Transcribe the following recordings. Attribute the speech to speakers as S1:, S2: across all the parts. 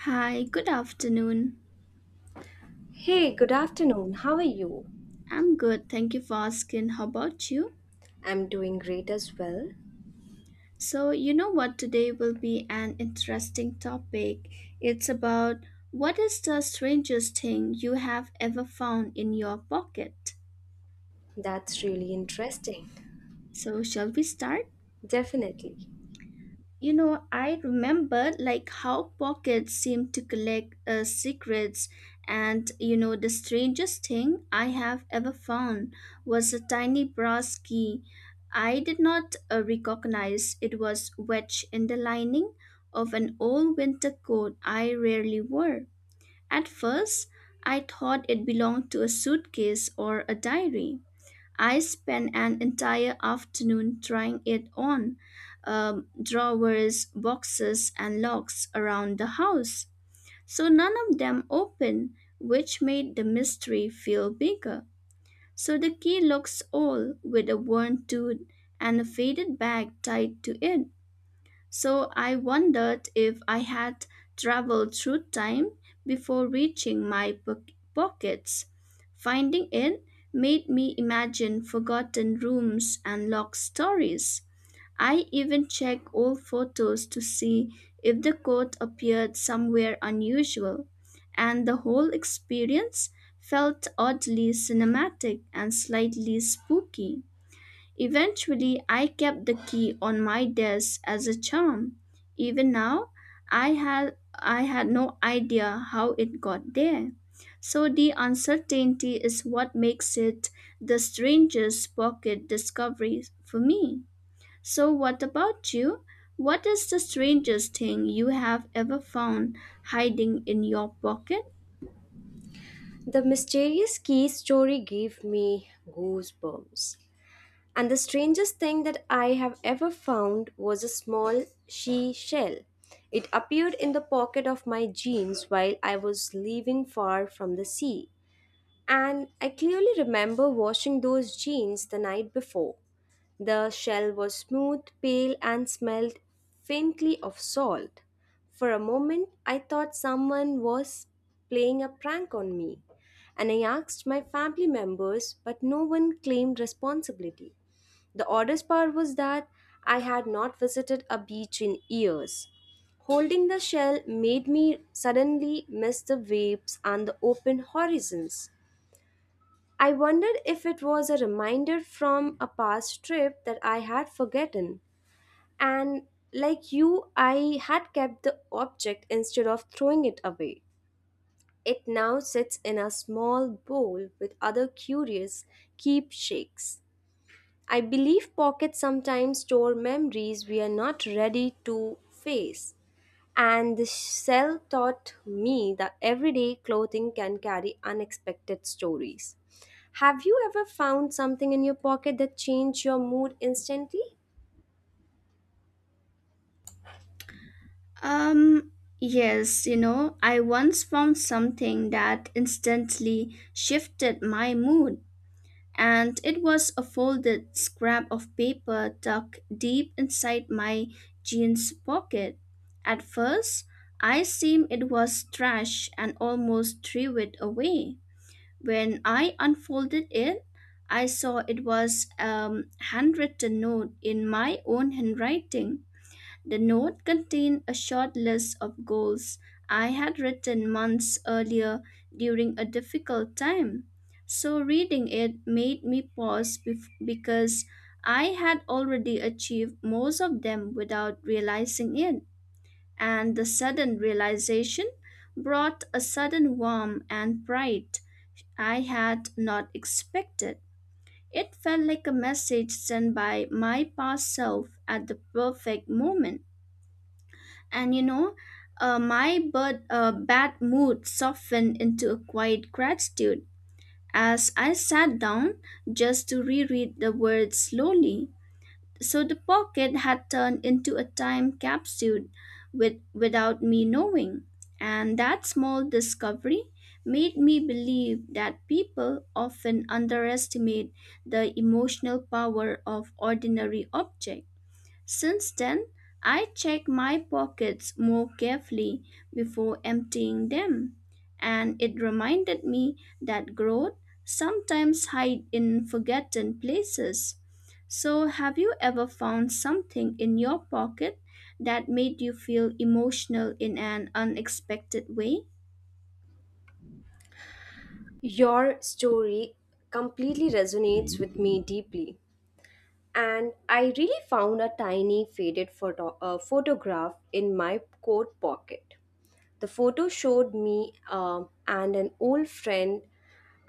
S1: Hi, good afternoon.
S2: Hey, good afternoon. How are you?
S1: I'm good, thank you for asking. How about you?
S2: I'm doing great as well.
S1: So, you know what, today will be an interesting topic. It's about what is the strangest thing you have ever found in your pocket?
S2: That's really interesting.
S1: So, shall we start?
S2: Definitely.
S1: You know, I remember like how pockets seem to collect secrets, and you know, the strangest thing I have ever found was a tiny brass key. I did not recognize it was wedged in the lining of an old winter coat I rarely wore. At first, I thought it belonged to a suitcase or a diary. I spent an entire afternoon trying it on drawers, boxes, and locks around the house. So none of them opened, which made the mystery feel bigger. So the key looks old with a worn tooth and a faded bag tied to it. So I wondered if I had traveled through time before reaching my pockets. Finding it made me imagine forgotten rooms and locked stories. I even checked old photos to see if the coat appeared somewhere unusual, and the whole experience felt oddly cinematic and slightly spooky. Eventually, I kept the key on my desk as a charm. Even now, I had no idea how it got there. So the uncertainty is what makes it the strangest pocket discovery for me. So what about you? What is the strangest thing you have ever found hiding in your pocket?
S2: The mysterious key story gave me goosebumps. And the strangest thing that I have ever found was a small shell. It appeared in the pocket of my jeans while I was leaving far from the sea. And I clearly remember washing those jeans the night before. The shell was smooth, pale, and smelled faintly of salt. For a moment, I thought someone was playing a prank on me, and I asked my family members, but no one claimed responsibility. The oddest part was that I had not visited a beach in years. Holding the shell made me suddenly miss the waves and the open horizons. I wondered if it was a reminder from a past trip that I had forgotten. And like you, I had kept the object instead of throwing it away. It now sits in a small bowl with other curious keepsakes. I believe pockets sometimes store memories we are not ready to face. And the cell taught me that everyday clothing can carry unexpected stories. Have you ever found something in your pocket that changed your mood instantly?
S1: Um, yes, you know, I once found something that instantly shifted my mood, and it was a folded scrap of paper tucked deep inside my jeans pocket. At first, I assumed it was trash and almost threw it away. When I unfolded it, I saw it was a handwritten note in my own handwriting. The note contained a short list of goals I had written months earlier during a difficult time. So, reading it made me pause because I had already achieved most of them without realizing it. And the sudden realization brought a sudden warmth and pride I had not expected. It felt like a message sent by my past self at the perfect moment. And you know, bad mood softened into a quiet gratitude as I sat down just to reread the words slowly. So the pocket had turned into a time capsule without me knowing. And that small discovery made me believe that people often underestimate the emotional power of ordinary objects. Since then, I check my pockets more carefully before emptying them, and it reminded me that growth sometimes hides in forgotten places. So, have you ever found something in your pocket that made you feel emotional in an unexpected way?
S2: Your story completely resonates with me deeply. And I really found a tiny faded photograph in my coat pocket. The photo showed me and an old friend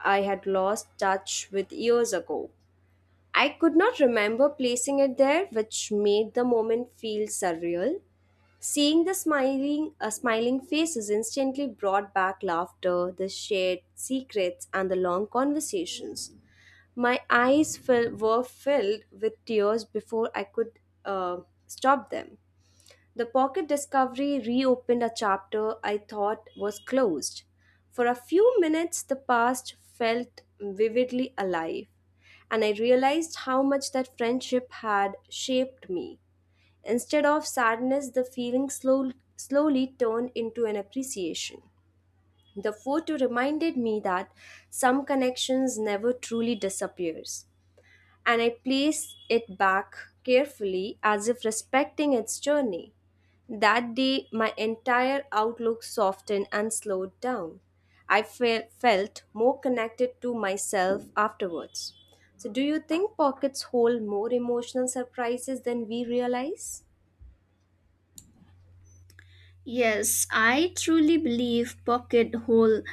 S2: I had lost touch with years ago. I could not remember placing it there, which made the moment feel surreal. Seeing the smiling faces instantly brought back laughter, the shared secrets, and the long conversations. Were filled with tears before I could uh, stop them. The pocket discovery reopened a chapter I thought was closed. For a few minutes, the past felt vividly alive, and I realized how much that friendship had shaped me. Instead of sadness, the feeling slowly turned into an appreciation. The photo reminded me that some connections never truly disappears, and I place it back carefully as if respecting its journey. That day, my entire outlook softened and slowed down. Felt more connected to myself afterwards. So, do you think pockets hold more emotional surprises than we realize?
S1: Yes, I truly believe pocket hole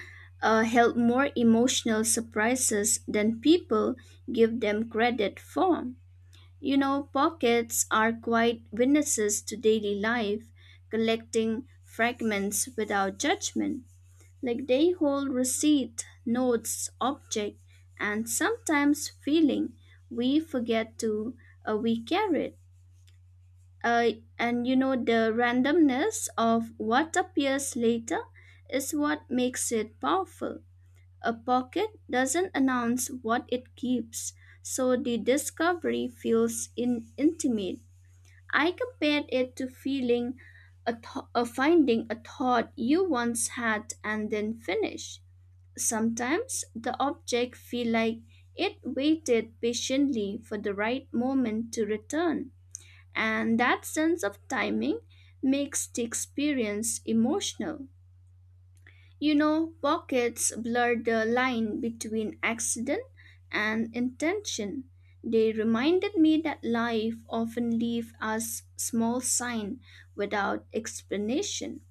S1: held more emotional surprises than people give them credit for. You know, pockets are quite witnesses to daily life, collecting fragments without judgment. Like they hold receipt, notes, object, and sometimes feeling. We forget we carry it. Uh, and you know, the randomness of what appears later is what makes it powerful. A pocket doesn't announce what it keeps, so the discovery feels intimate. I compared it to finding a thought you once had and then finish. Sometimes the object feel like it waited patiently for the right moment to return, and that sense of timing makes the experience emotional. You know, pockets blur the line between accident and intention. They reminded me that life often leaves us small sign without explanation.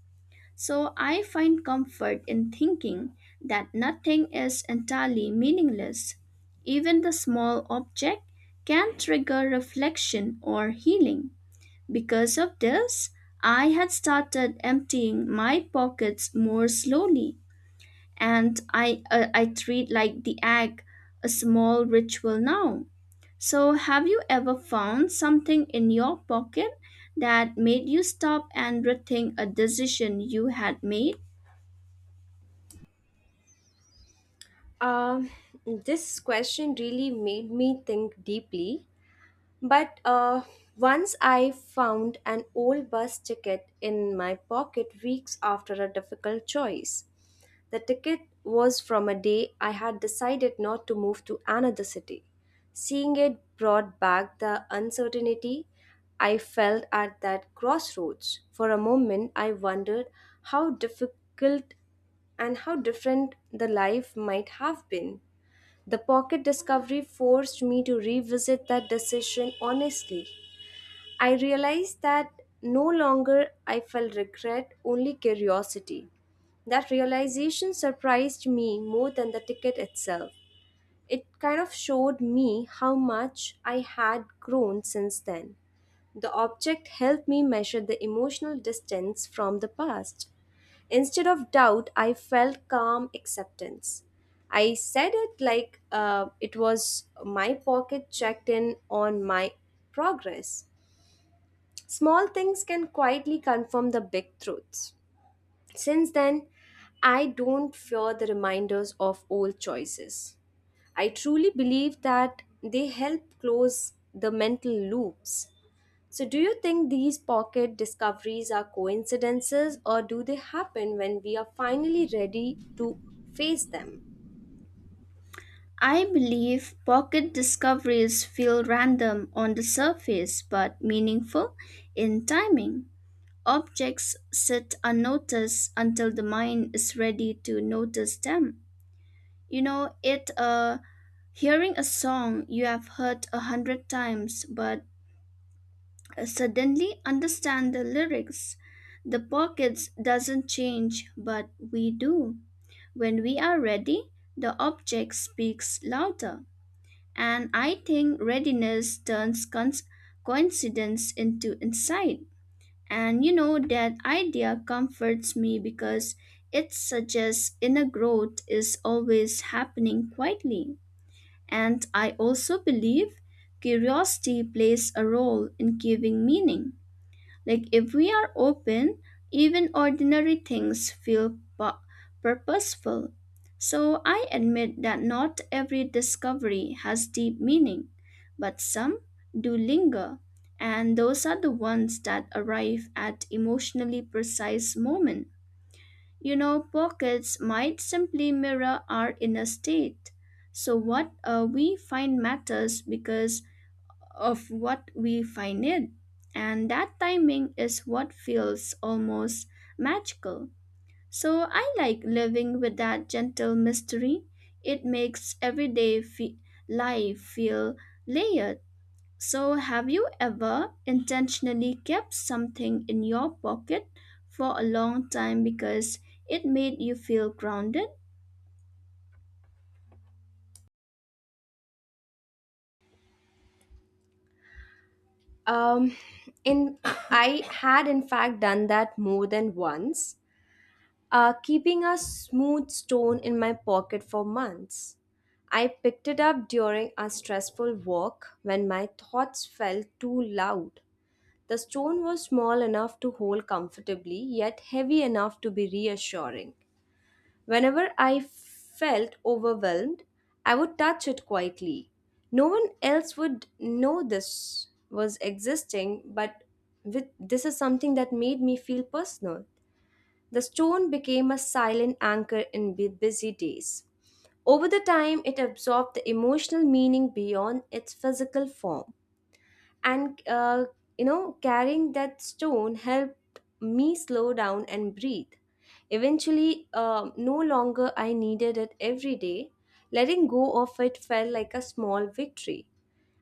S1: So I find comfort in thinking that nothing is entirely meaningless. Even the small object can trigger reflection or healing. Because of this, I had started emptying my pockets more slowly and I treat like the egg a small ritual now. So have you ever found something in your pocket that made you stop and rethink a decision you had made?
S2: Um, this question really made me think deeply. But Once I found an old bus ticket in my pocket weeks after a difficult choice. The ticket was from a day I had decided not to move to another city. Seeing it brought back the uncertainty I felt at that crossroads. For a moment, I wondered how difficult and how different the life might have been. The pocket discovery forced me to revisit that decision honestly. I realized that no longer I felt regret, only curiosity. That realization surprised me more than the ticket itself. It kind of showed me how much I had grown since then. The object helped me measure the emotional distance from the past. Instead of doubt, I felt calm acceptance. I said it like it was my pocket checked in on my progress. Small things can quietly confirm the big truths. Since then, I don't fear the reminders of old choices. I truly believe that they help close the mental loops. So, do you think these pocket discoveries are coincidences, or do they happen when we are finally ready to face them?
S1: I believe pocket discoveries feel random on the surface but meaningful in timing. Objects sit unnoticed until the mind is ready to notice them. You know, it hearing a song you have heard a hundred times but suddenly understand the lyrics. The pockets doesn't change but we do. When we are ready, the object speaks louder. And I think readiness turns coincidence into insight. And you know that idea comforts me because it suggests inner growth is always happening quietly. And I also believe curiosity plays a role in giving meaning. Like if we are open, even ordinary things feel purposeful. So I admit that not every discovery has deep meaning, but some do linger, and those are the ones that arrive at emotionally precise moment. You know, pockets might simply mirror our inner state. So, what we find matters because of what we find it. And that timing is what feels almost magical. So, I like living with that gentle mystery. It makes everyday life feel layered. So, have you ever intentionally kept something in your pocket for a long time because it made you feel grounded?
S2: Um, in I had in fact done that more than once, keeping a smooth stone in my pocket for months. I picked it up during a stressful walk when my thoughts felt too loud. The stone was small enough to hold comfortably, yet heavy enough to be reassuring. Whenever I felt overwhelmed, I would touch it quietly. No one else would know this was existing, but this is something that made me feel personal. The stone became a silent anchor in busy days. Over the time, it absorbed the emotional meaning beyond its physical form. And, uh, Carrying that stone helped me slow down and breathe. Eventually, no longer I needed it every day. Letting go of it felt like a small victory.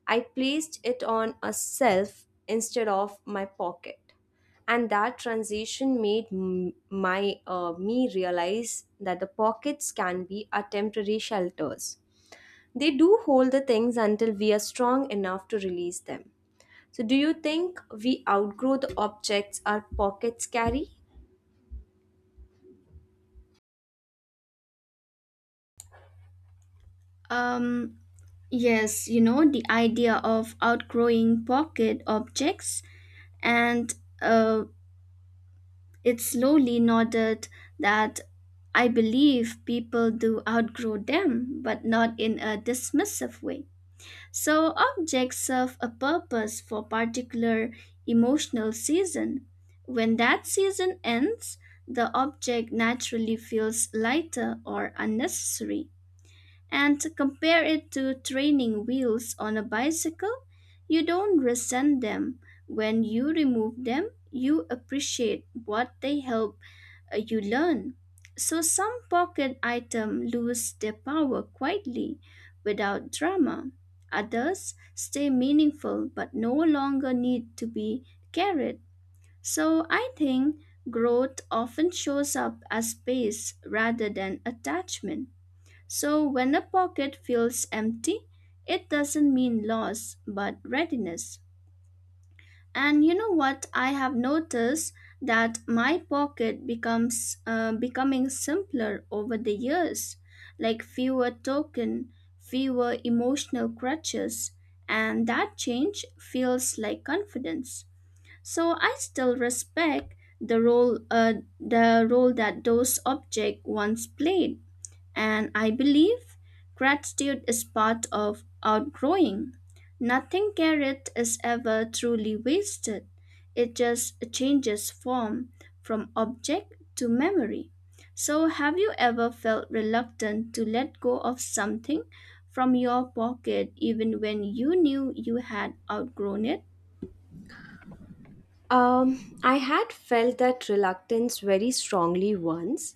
S2: I placed it on a shelf instead of my pocket. And that transition made m- my me realize that the pockets can be our temporary shelters. They do hold the things until we are strong enough to release them. So, do you think we outgrow the objects our pockets carry?
S1: Um, yes, you know, the idea of outgrowing pocket objects, and uh, it slowly nodded that I believe people do outgrow them, but not in a dismissive way. So objects serve a purpose for particular emotional season. When that season ends, the object naturally feels lighter or unnecessary. And to compare it to training wheels on a bicycle, you don't resent them. When you remove them, you appreciate what they help you learn. So some pocket item lose their power quietly without drama. Others stay meaningful but no longer need to be carried. So I think growth often shows up as space rather than attachment. So when a pocket feels empty, it doesn't mean loss but readiness. And you know what? I have noticed that my pocket becomes becoming simpler over the years, like fewer token, fewer emotional crutches, and that change feels like confidence. So I still respect the role uh, the role that those objects once played, and I believe gratitude is part of outgrowing. Nothing carried is ever truly wasted, it just changes form from object to memory. So, have you ever felt reluctant to let go of something from your pocket even when you knew you had outgrown it?
S2: I had felt that reluctance very strongly once.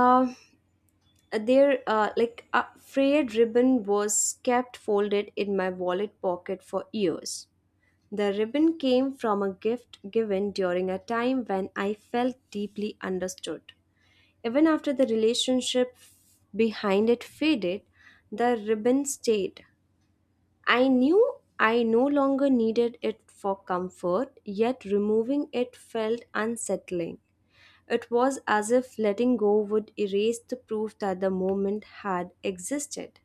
S2: Um there Like a frayed ribbon was kept folded in my wallet pocket for years. The ribbon came from a gift given during a time when I felt deeply understood. Even after the relationship behind it faded, the ribbon stayed. I knew I no longer needed it for comfort, yet removing it felt unsettling. It was as if letting go would erase the proof that the moment had existed.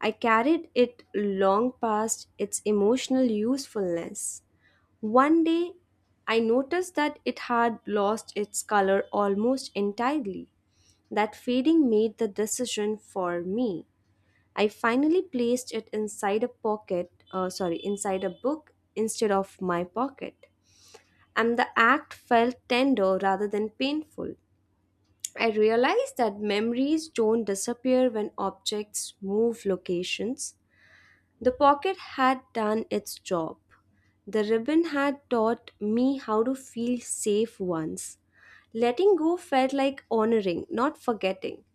S2: I carried it long past its emotional usefulness. One day, I noticed that it had lost its color almost entirely. That fading made the decision for me. I finally placed it inside a book instead of my pocket. And the act felt tender rather than painful. I realized that memories don't disappear when objects move locations. The pocket had done its job. The ribbon had taught me how to feel safe once. Letting go felt like honoring, not forgetting.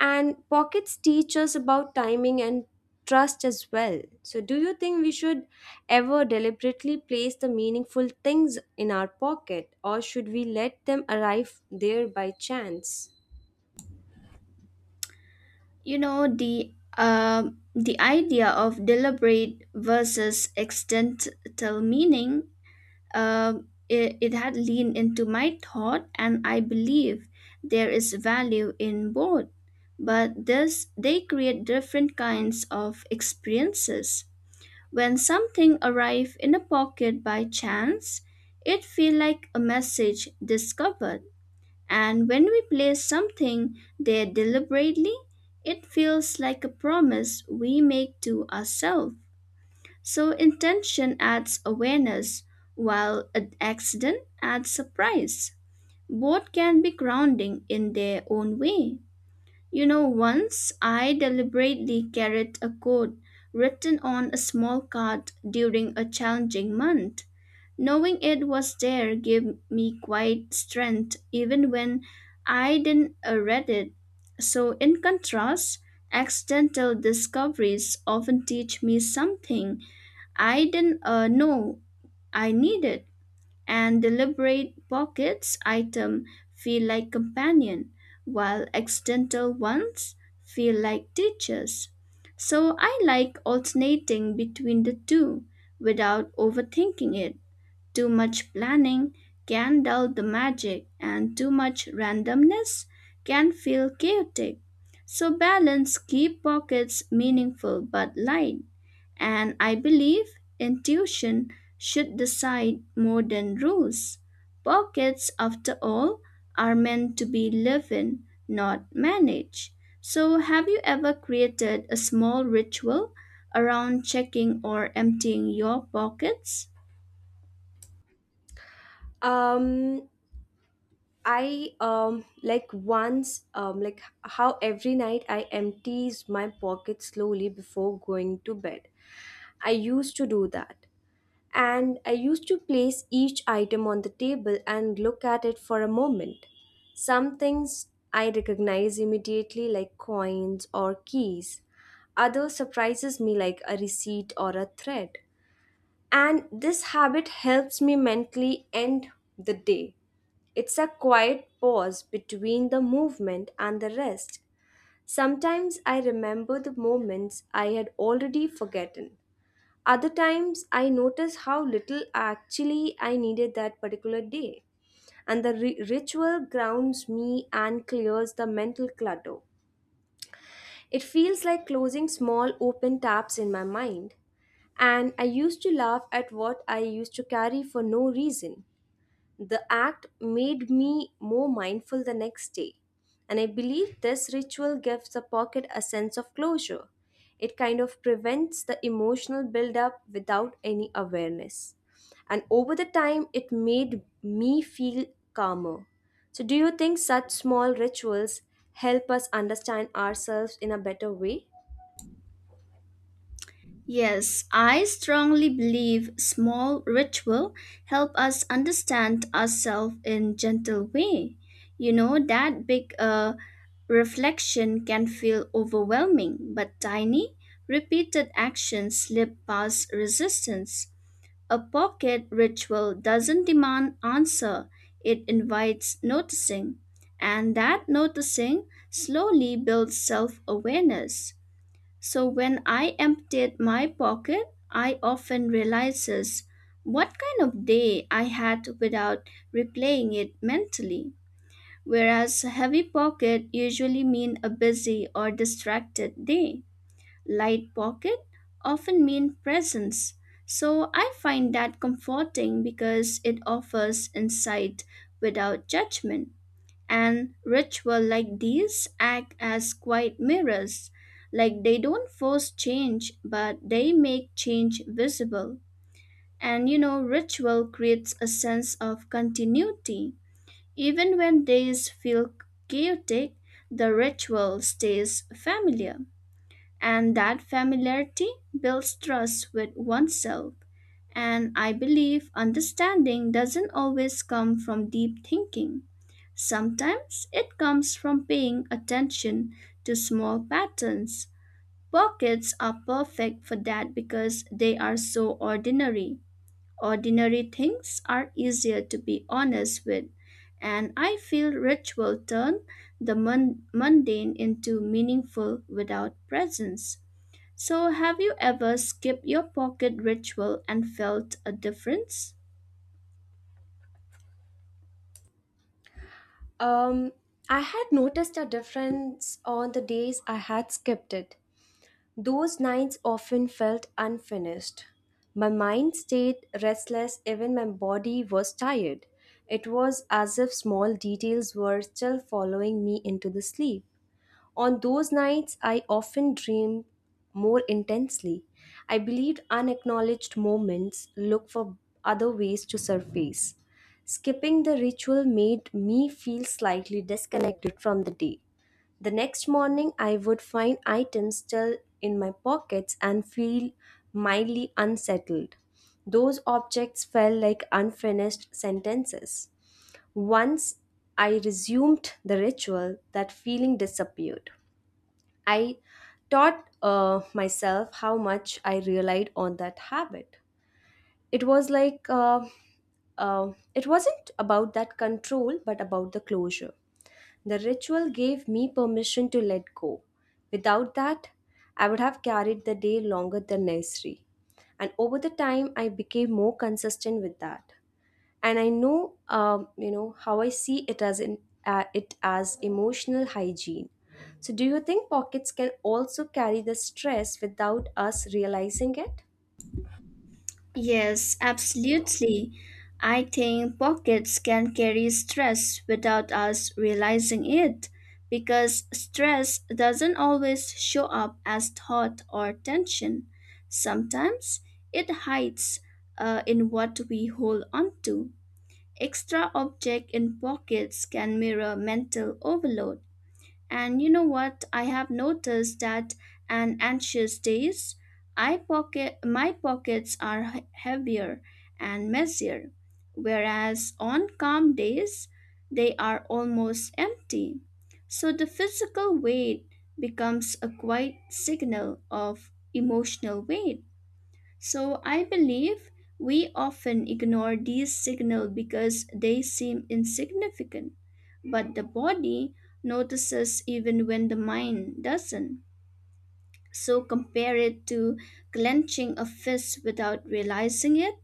S2: And pockets teach us about timing and trust as well. So, do you think we should ever deliberately place the meaningful things in our pocket, or should we let them arrive there by chance?
S1: You know, the idea of deliberate versus extentile meaning. It had leaned into my thought, and I believe there is value in both. But this, they create different kinds of experiences. When something arrives in a pocket by chance, it feels like a message discovered. And when we place something there deliberately, it feels like a promise we make to ourselves. So intention adds awareness, while an accident adds surprise. Both can be grounding in their own way. You know, once I deliberately carried a code written on a small card during a challenging month. Knowing it was there gave me quite strength even when I didn't read it. So, in contrast, accidental discoveries often teach me something I didn't know I needed, and deliberate pockets item feel like companion, while accidental ones feel like teachers. So I like alternating between the two without overthinking it. Too much planning can dull the magic, and too much randomness can feel chaotic. So balance keep pockets meaningful but light. And I believe intuition should decide more than rules. Pockets, after all, are meant to be lived in, not managed. So, have you ever created a small ritual around checking or emptying your pockets?
S2: Um I like Once, like how every night I empties my pocket slowly before going to bed. I used to do that, and I used to place each item on the table and look at it for a moment. Some things I recognize immediately, like coins or keys. Other surprises me, like a receipt or a thread. And this habit helps me mentally end the day. It's a quiet pause between the movement and the rest. Sometimes I remember the moments I had already forgotten. Other times I notice how little actually I needed that particular day. And the ritual grounds me and clears the mental clutter. It feels like closing small open taps in my mind. And I used to laugh at what I used to carry for no reason. The act made me more mindful the next day, and I believe this ritual gives the pocket a sense of closure. It kind of prevents the emotional buildup without any awareness. And over the time, it made me feel calmer. So, do you think such small rituals help us understand ourselves in a better way?
S1: Yes, I strongly believe small ritual help us understand ourselves in gentle way. You know that big reflection can feel overwhelming, but tiny repeated actions slip past resistance. A pocket ritual doesn't demand answer, it invites noticing, and that noticing slowly builds self-awareness. So when I emptied my pocket, I often realizes what kind of day I had without replaying it mentally. Whereas a heavy pocket usually mean a busy or distracted day. Light pocket often mean presence. So I find that comforting because it offers insight without judgment. And ritual like these act as quiet mirrors, like they don't force change, but they make change visible. And you know, ritual creates a sense of continuity. Even when days feel chaotic, the ritual stays familiar. And that familiarity builds trust with oneself. And I believe understanding doesn't always come from deep thinking. Sometimes it comes from paying attention to small patterns. Pockets are perfect for that because they are so ordinary. Ordinary things are easier to be honest with, and I feel ritual turn the mundane into meaningful without presence. So, have you ever skipped your pocket ritual and felt a difference?
S2: Um, I had noticed a difference on the days I had skipped it. Those nights often felt unfinished. My mind stayed restless even my body was tired. It was as if small details were still following me into the sleep. On those nights, I often dream more intensely. I believe unacknowledged moments look for other ways to surface. Skipping the ritual made me feel slightly disconnected from the day. The next morning, I would find items still in my pockets and feel mildly unsettled. Those objects felt like unfinished sentences. Once I resumed the ritual, that feeling disappeared. I taught myself how much I relied on that habit. It was like it wasn't about that control, but about the closure. The ritual gave me permission to let go. Without that, I would have carried the day longer than necessary. And over the time, I became more consistent with that, and I know you know how I see it as in it as emotional hygiene. So do you think pockets can also carry the stress without us realizing it?
S1: Yes, absolutely. I think pockets can carry stress without us realizing it because stress doesn't always show up as thought or tension. Sometimes it hides in what we hold onto. Extra object in pockets can mirror mental overload. And you know what? I have noticed that on anxious days, I pocket my pockets are heavier and messier, whereas on calm days, they are almost empty. So the physical weight becomes a quiet signal of emotional weight. So I believe we often ignore these signals because they seem insignificant, but the body notices even when the mind doesn't. So compare it to clenching a fist without realizing it.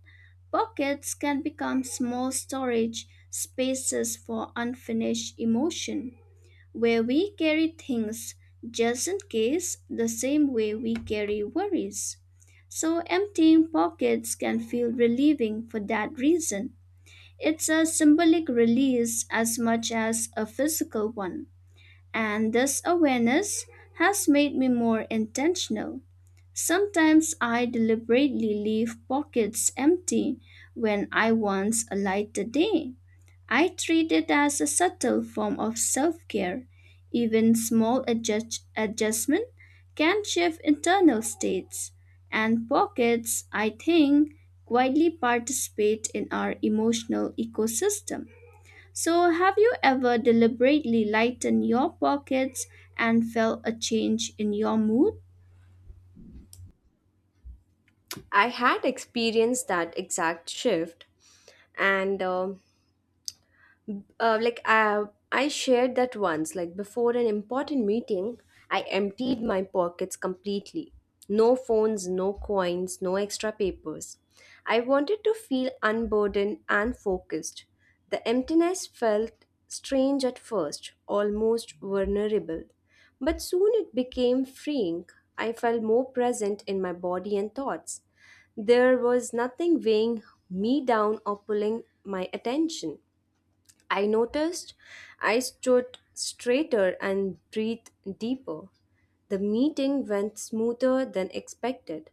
S1: Pockets can become small storage spaces for unfinished emotion where we carry things just in case the same way we carry worries. So, emptying pockets can feel relieving for that reason. It's a symbolic release as much as a physical one, and this awareness has made me more intentional. Sometimes I deliberately leave pockets empty when I once light the day. I treat it as a subtle form of self care. Even small adjustment can shift internal states, and pockets, I think, quietly participate in our emotional ecosystem. So, have you ever deliberately lightened your pockets and felt a change in your mood?
S2: I had experienced that exact shift. And like I shared that once, like before an important meeting, I emptied my pockets completely. No phones, no coins, no extra papers. I wanted to feel unburdened and focused. The emptiness felt strange at first, almost vulnerable. But soon it became freeing. I felt more present in my body and thoughts. There was nothing weighing me down or pulling my attention. I noticed I stood straighter and breathed deeper. The meeting went smoother than expected.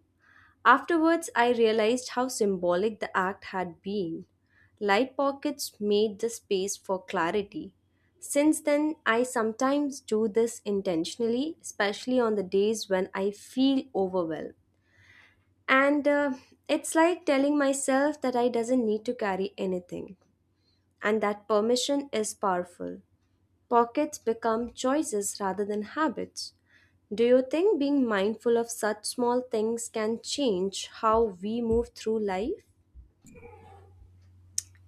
S2: Afterwards, I realized how symbolic the act had been. Light pockets made the space for clarity. Since then, I sometimes do this intentionally, especially on the days when I feel overwhelmed. And It's like telling myself that I doesn't need to carry anything. And that permission is powerful. Pockets become choices rather than habits. Do you think being mindful of such small things can change how we move through life?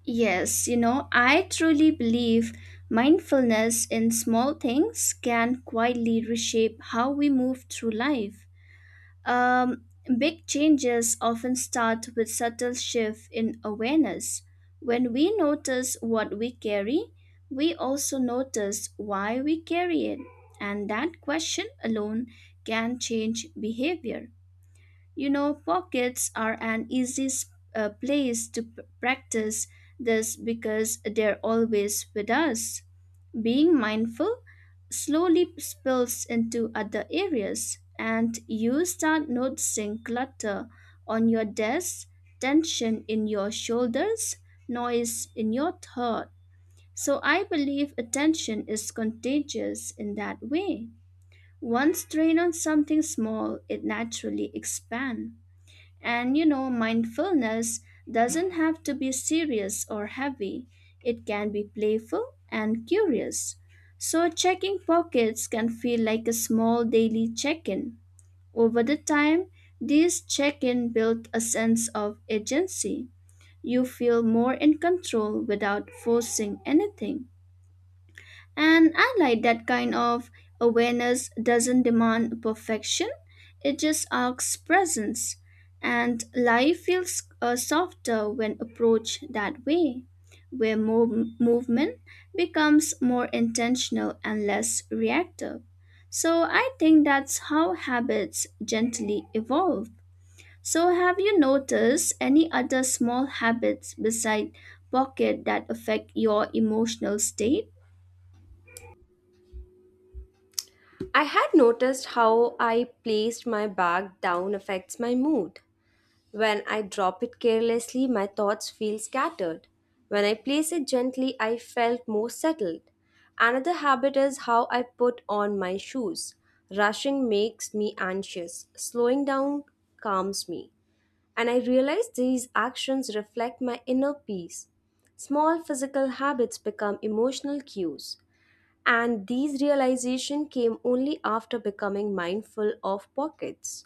S1: Yes, you know, I truly believe mindfulness in small things can quietly reshape how we move through life. Um, Big changes often start with subtle shift in awareness. When we notice what we carry, we also notice why we carry it, and that question alone can change behavior. You know, pockets are an easy place to practice this because they're always with us. Being mindful slowly spills into other areas, and you start noticing clutter on your desk, tension in your shoulders, noise in your throat. So I believe attention is contagious in that way. Once trained on something small, it naturally expands. And you know, mindfulness doesn't have to be serious or heavy, it can be playful and curious. So, checking pockets can feel like a small daily check in. Over the time, these check in build a sense of agency. You feel more in control without forcing anything. And I like that kind of awareness doesn't demand perfection, it just asks presence. And life feels softer when approached that way, where movement becomes more intentional and less reactive. So I think that's how habits gently evolve. So, have you noticed any other small habits beside pocket that affect your emotional state?
S2: I had noticed how I placed my bag down affects my mood. When I drop it carelessly, my thoughts feel scattered. When I place it gently, I felt more settled. Another habit is how I put on my shoes. Rushing makes me anxious, slowing down calms me. And I realize these actions reflect my inner peace. Small physical habits become emotional cues, and these realization came only after becoming mindful of pockets.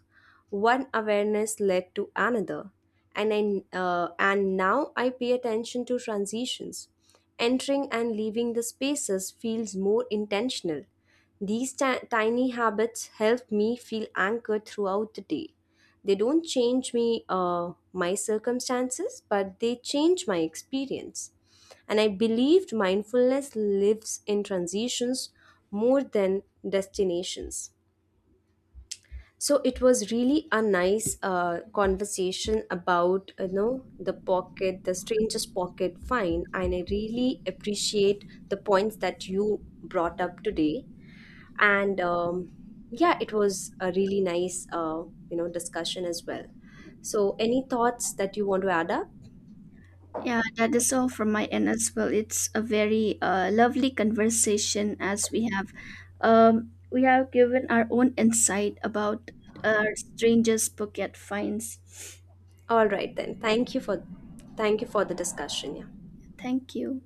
S2: One awareness led to another, and now I pay attention to transitions. Entering and leaving the spaces feels more intentional. These tiny habits help me feel anchored throughout the day. They don't change me my circumstances, but they change my experience. And I believed mindfulness lives in transitions more than destinations. So it was really a nice conversation about the pocket, the strangest pocket find, and I really appreciate the points that you brought up today. And Yeah, it was a really nice discussion as well. So any thoughts that you want to add up?
S1: Yeah, that is all from my end as well. It's a very lovely conversation as we have given our own insight about our strangers' pocket finds.
S2: All right then. Thank you for the discussion. Yeah.
S1: Thank you.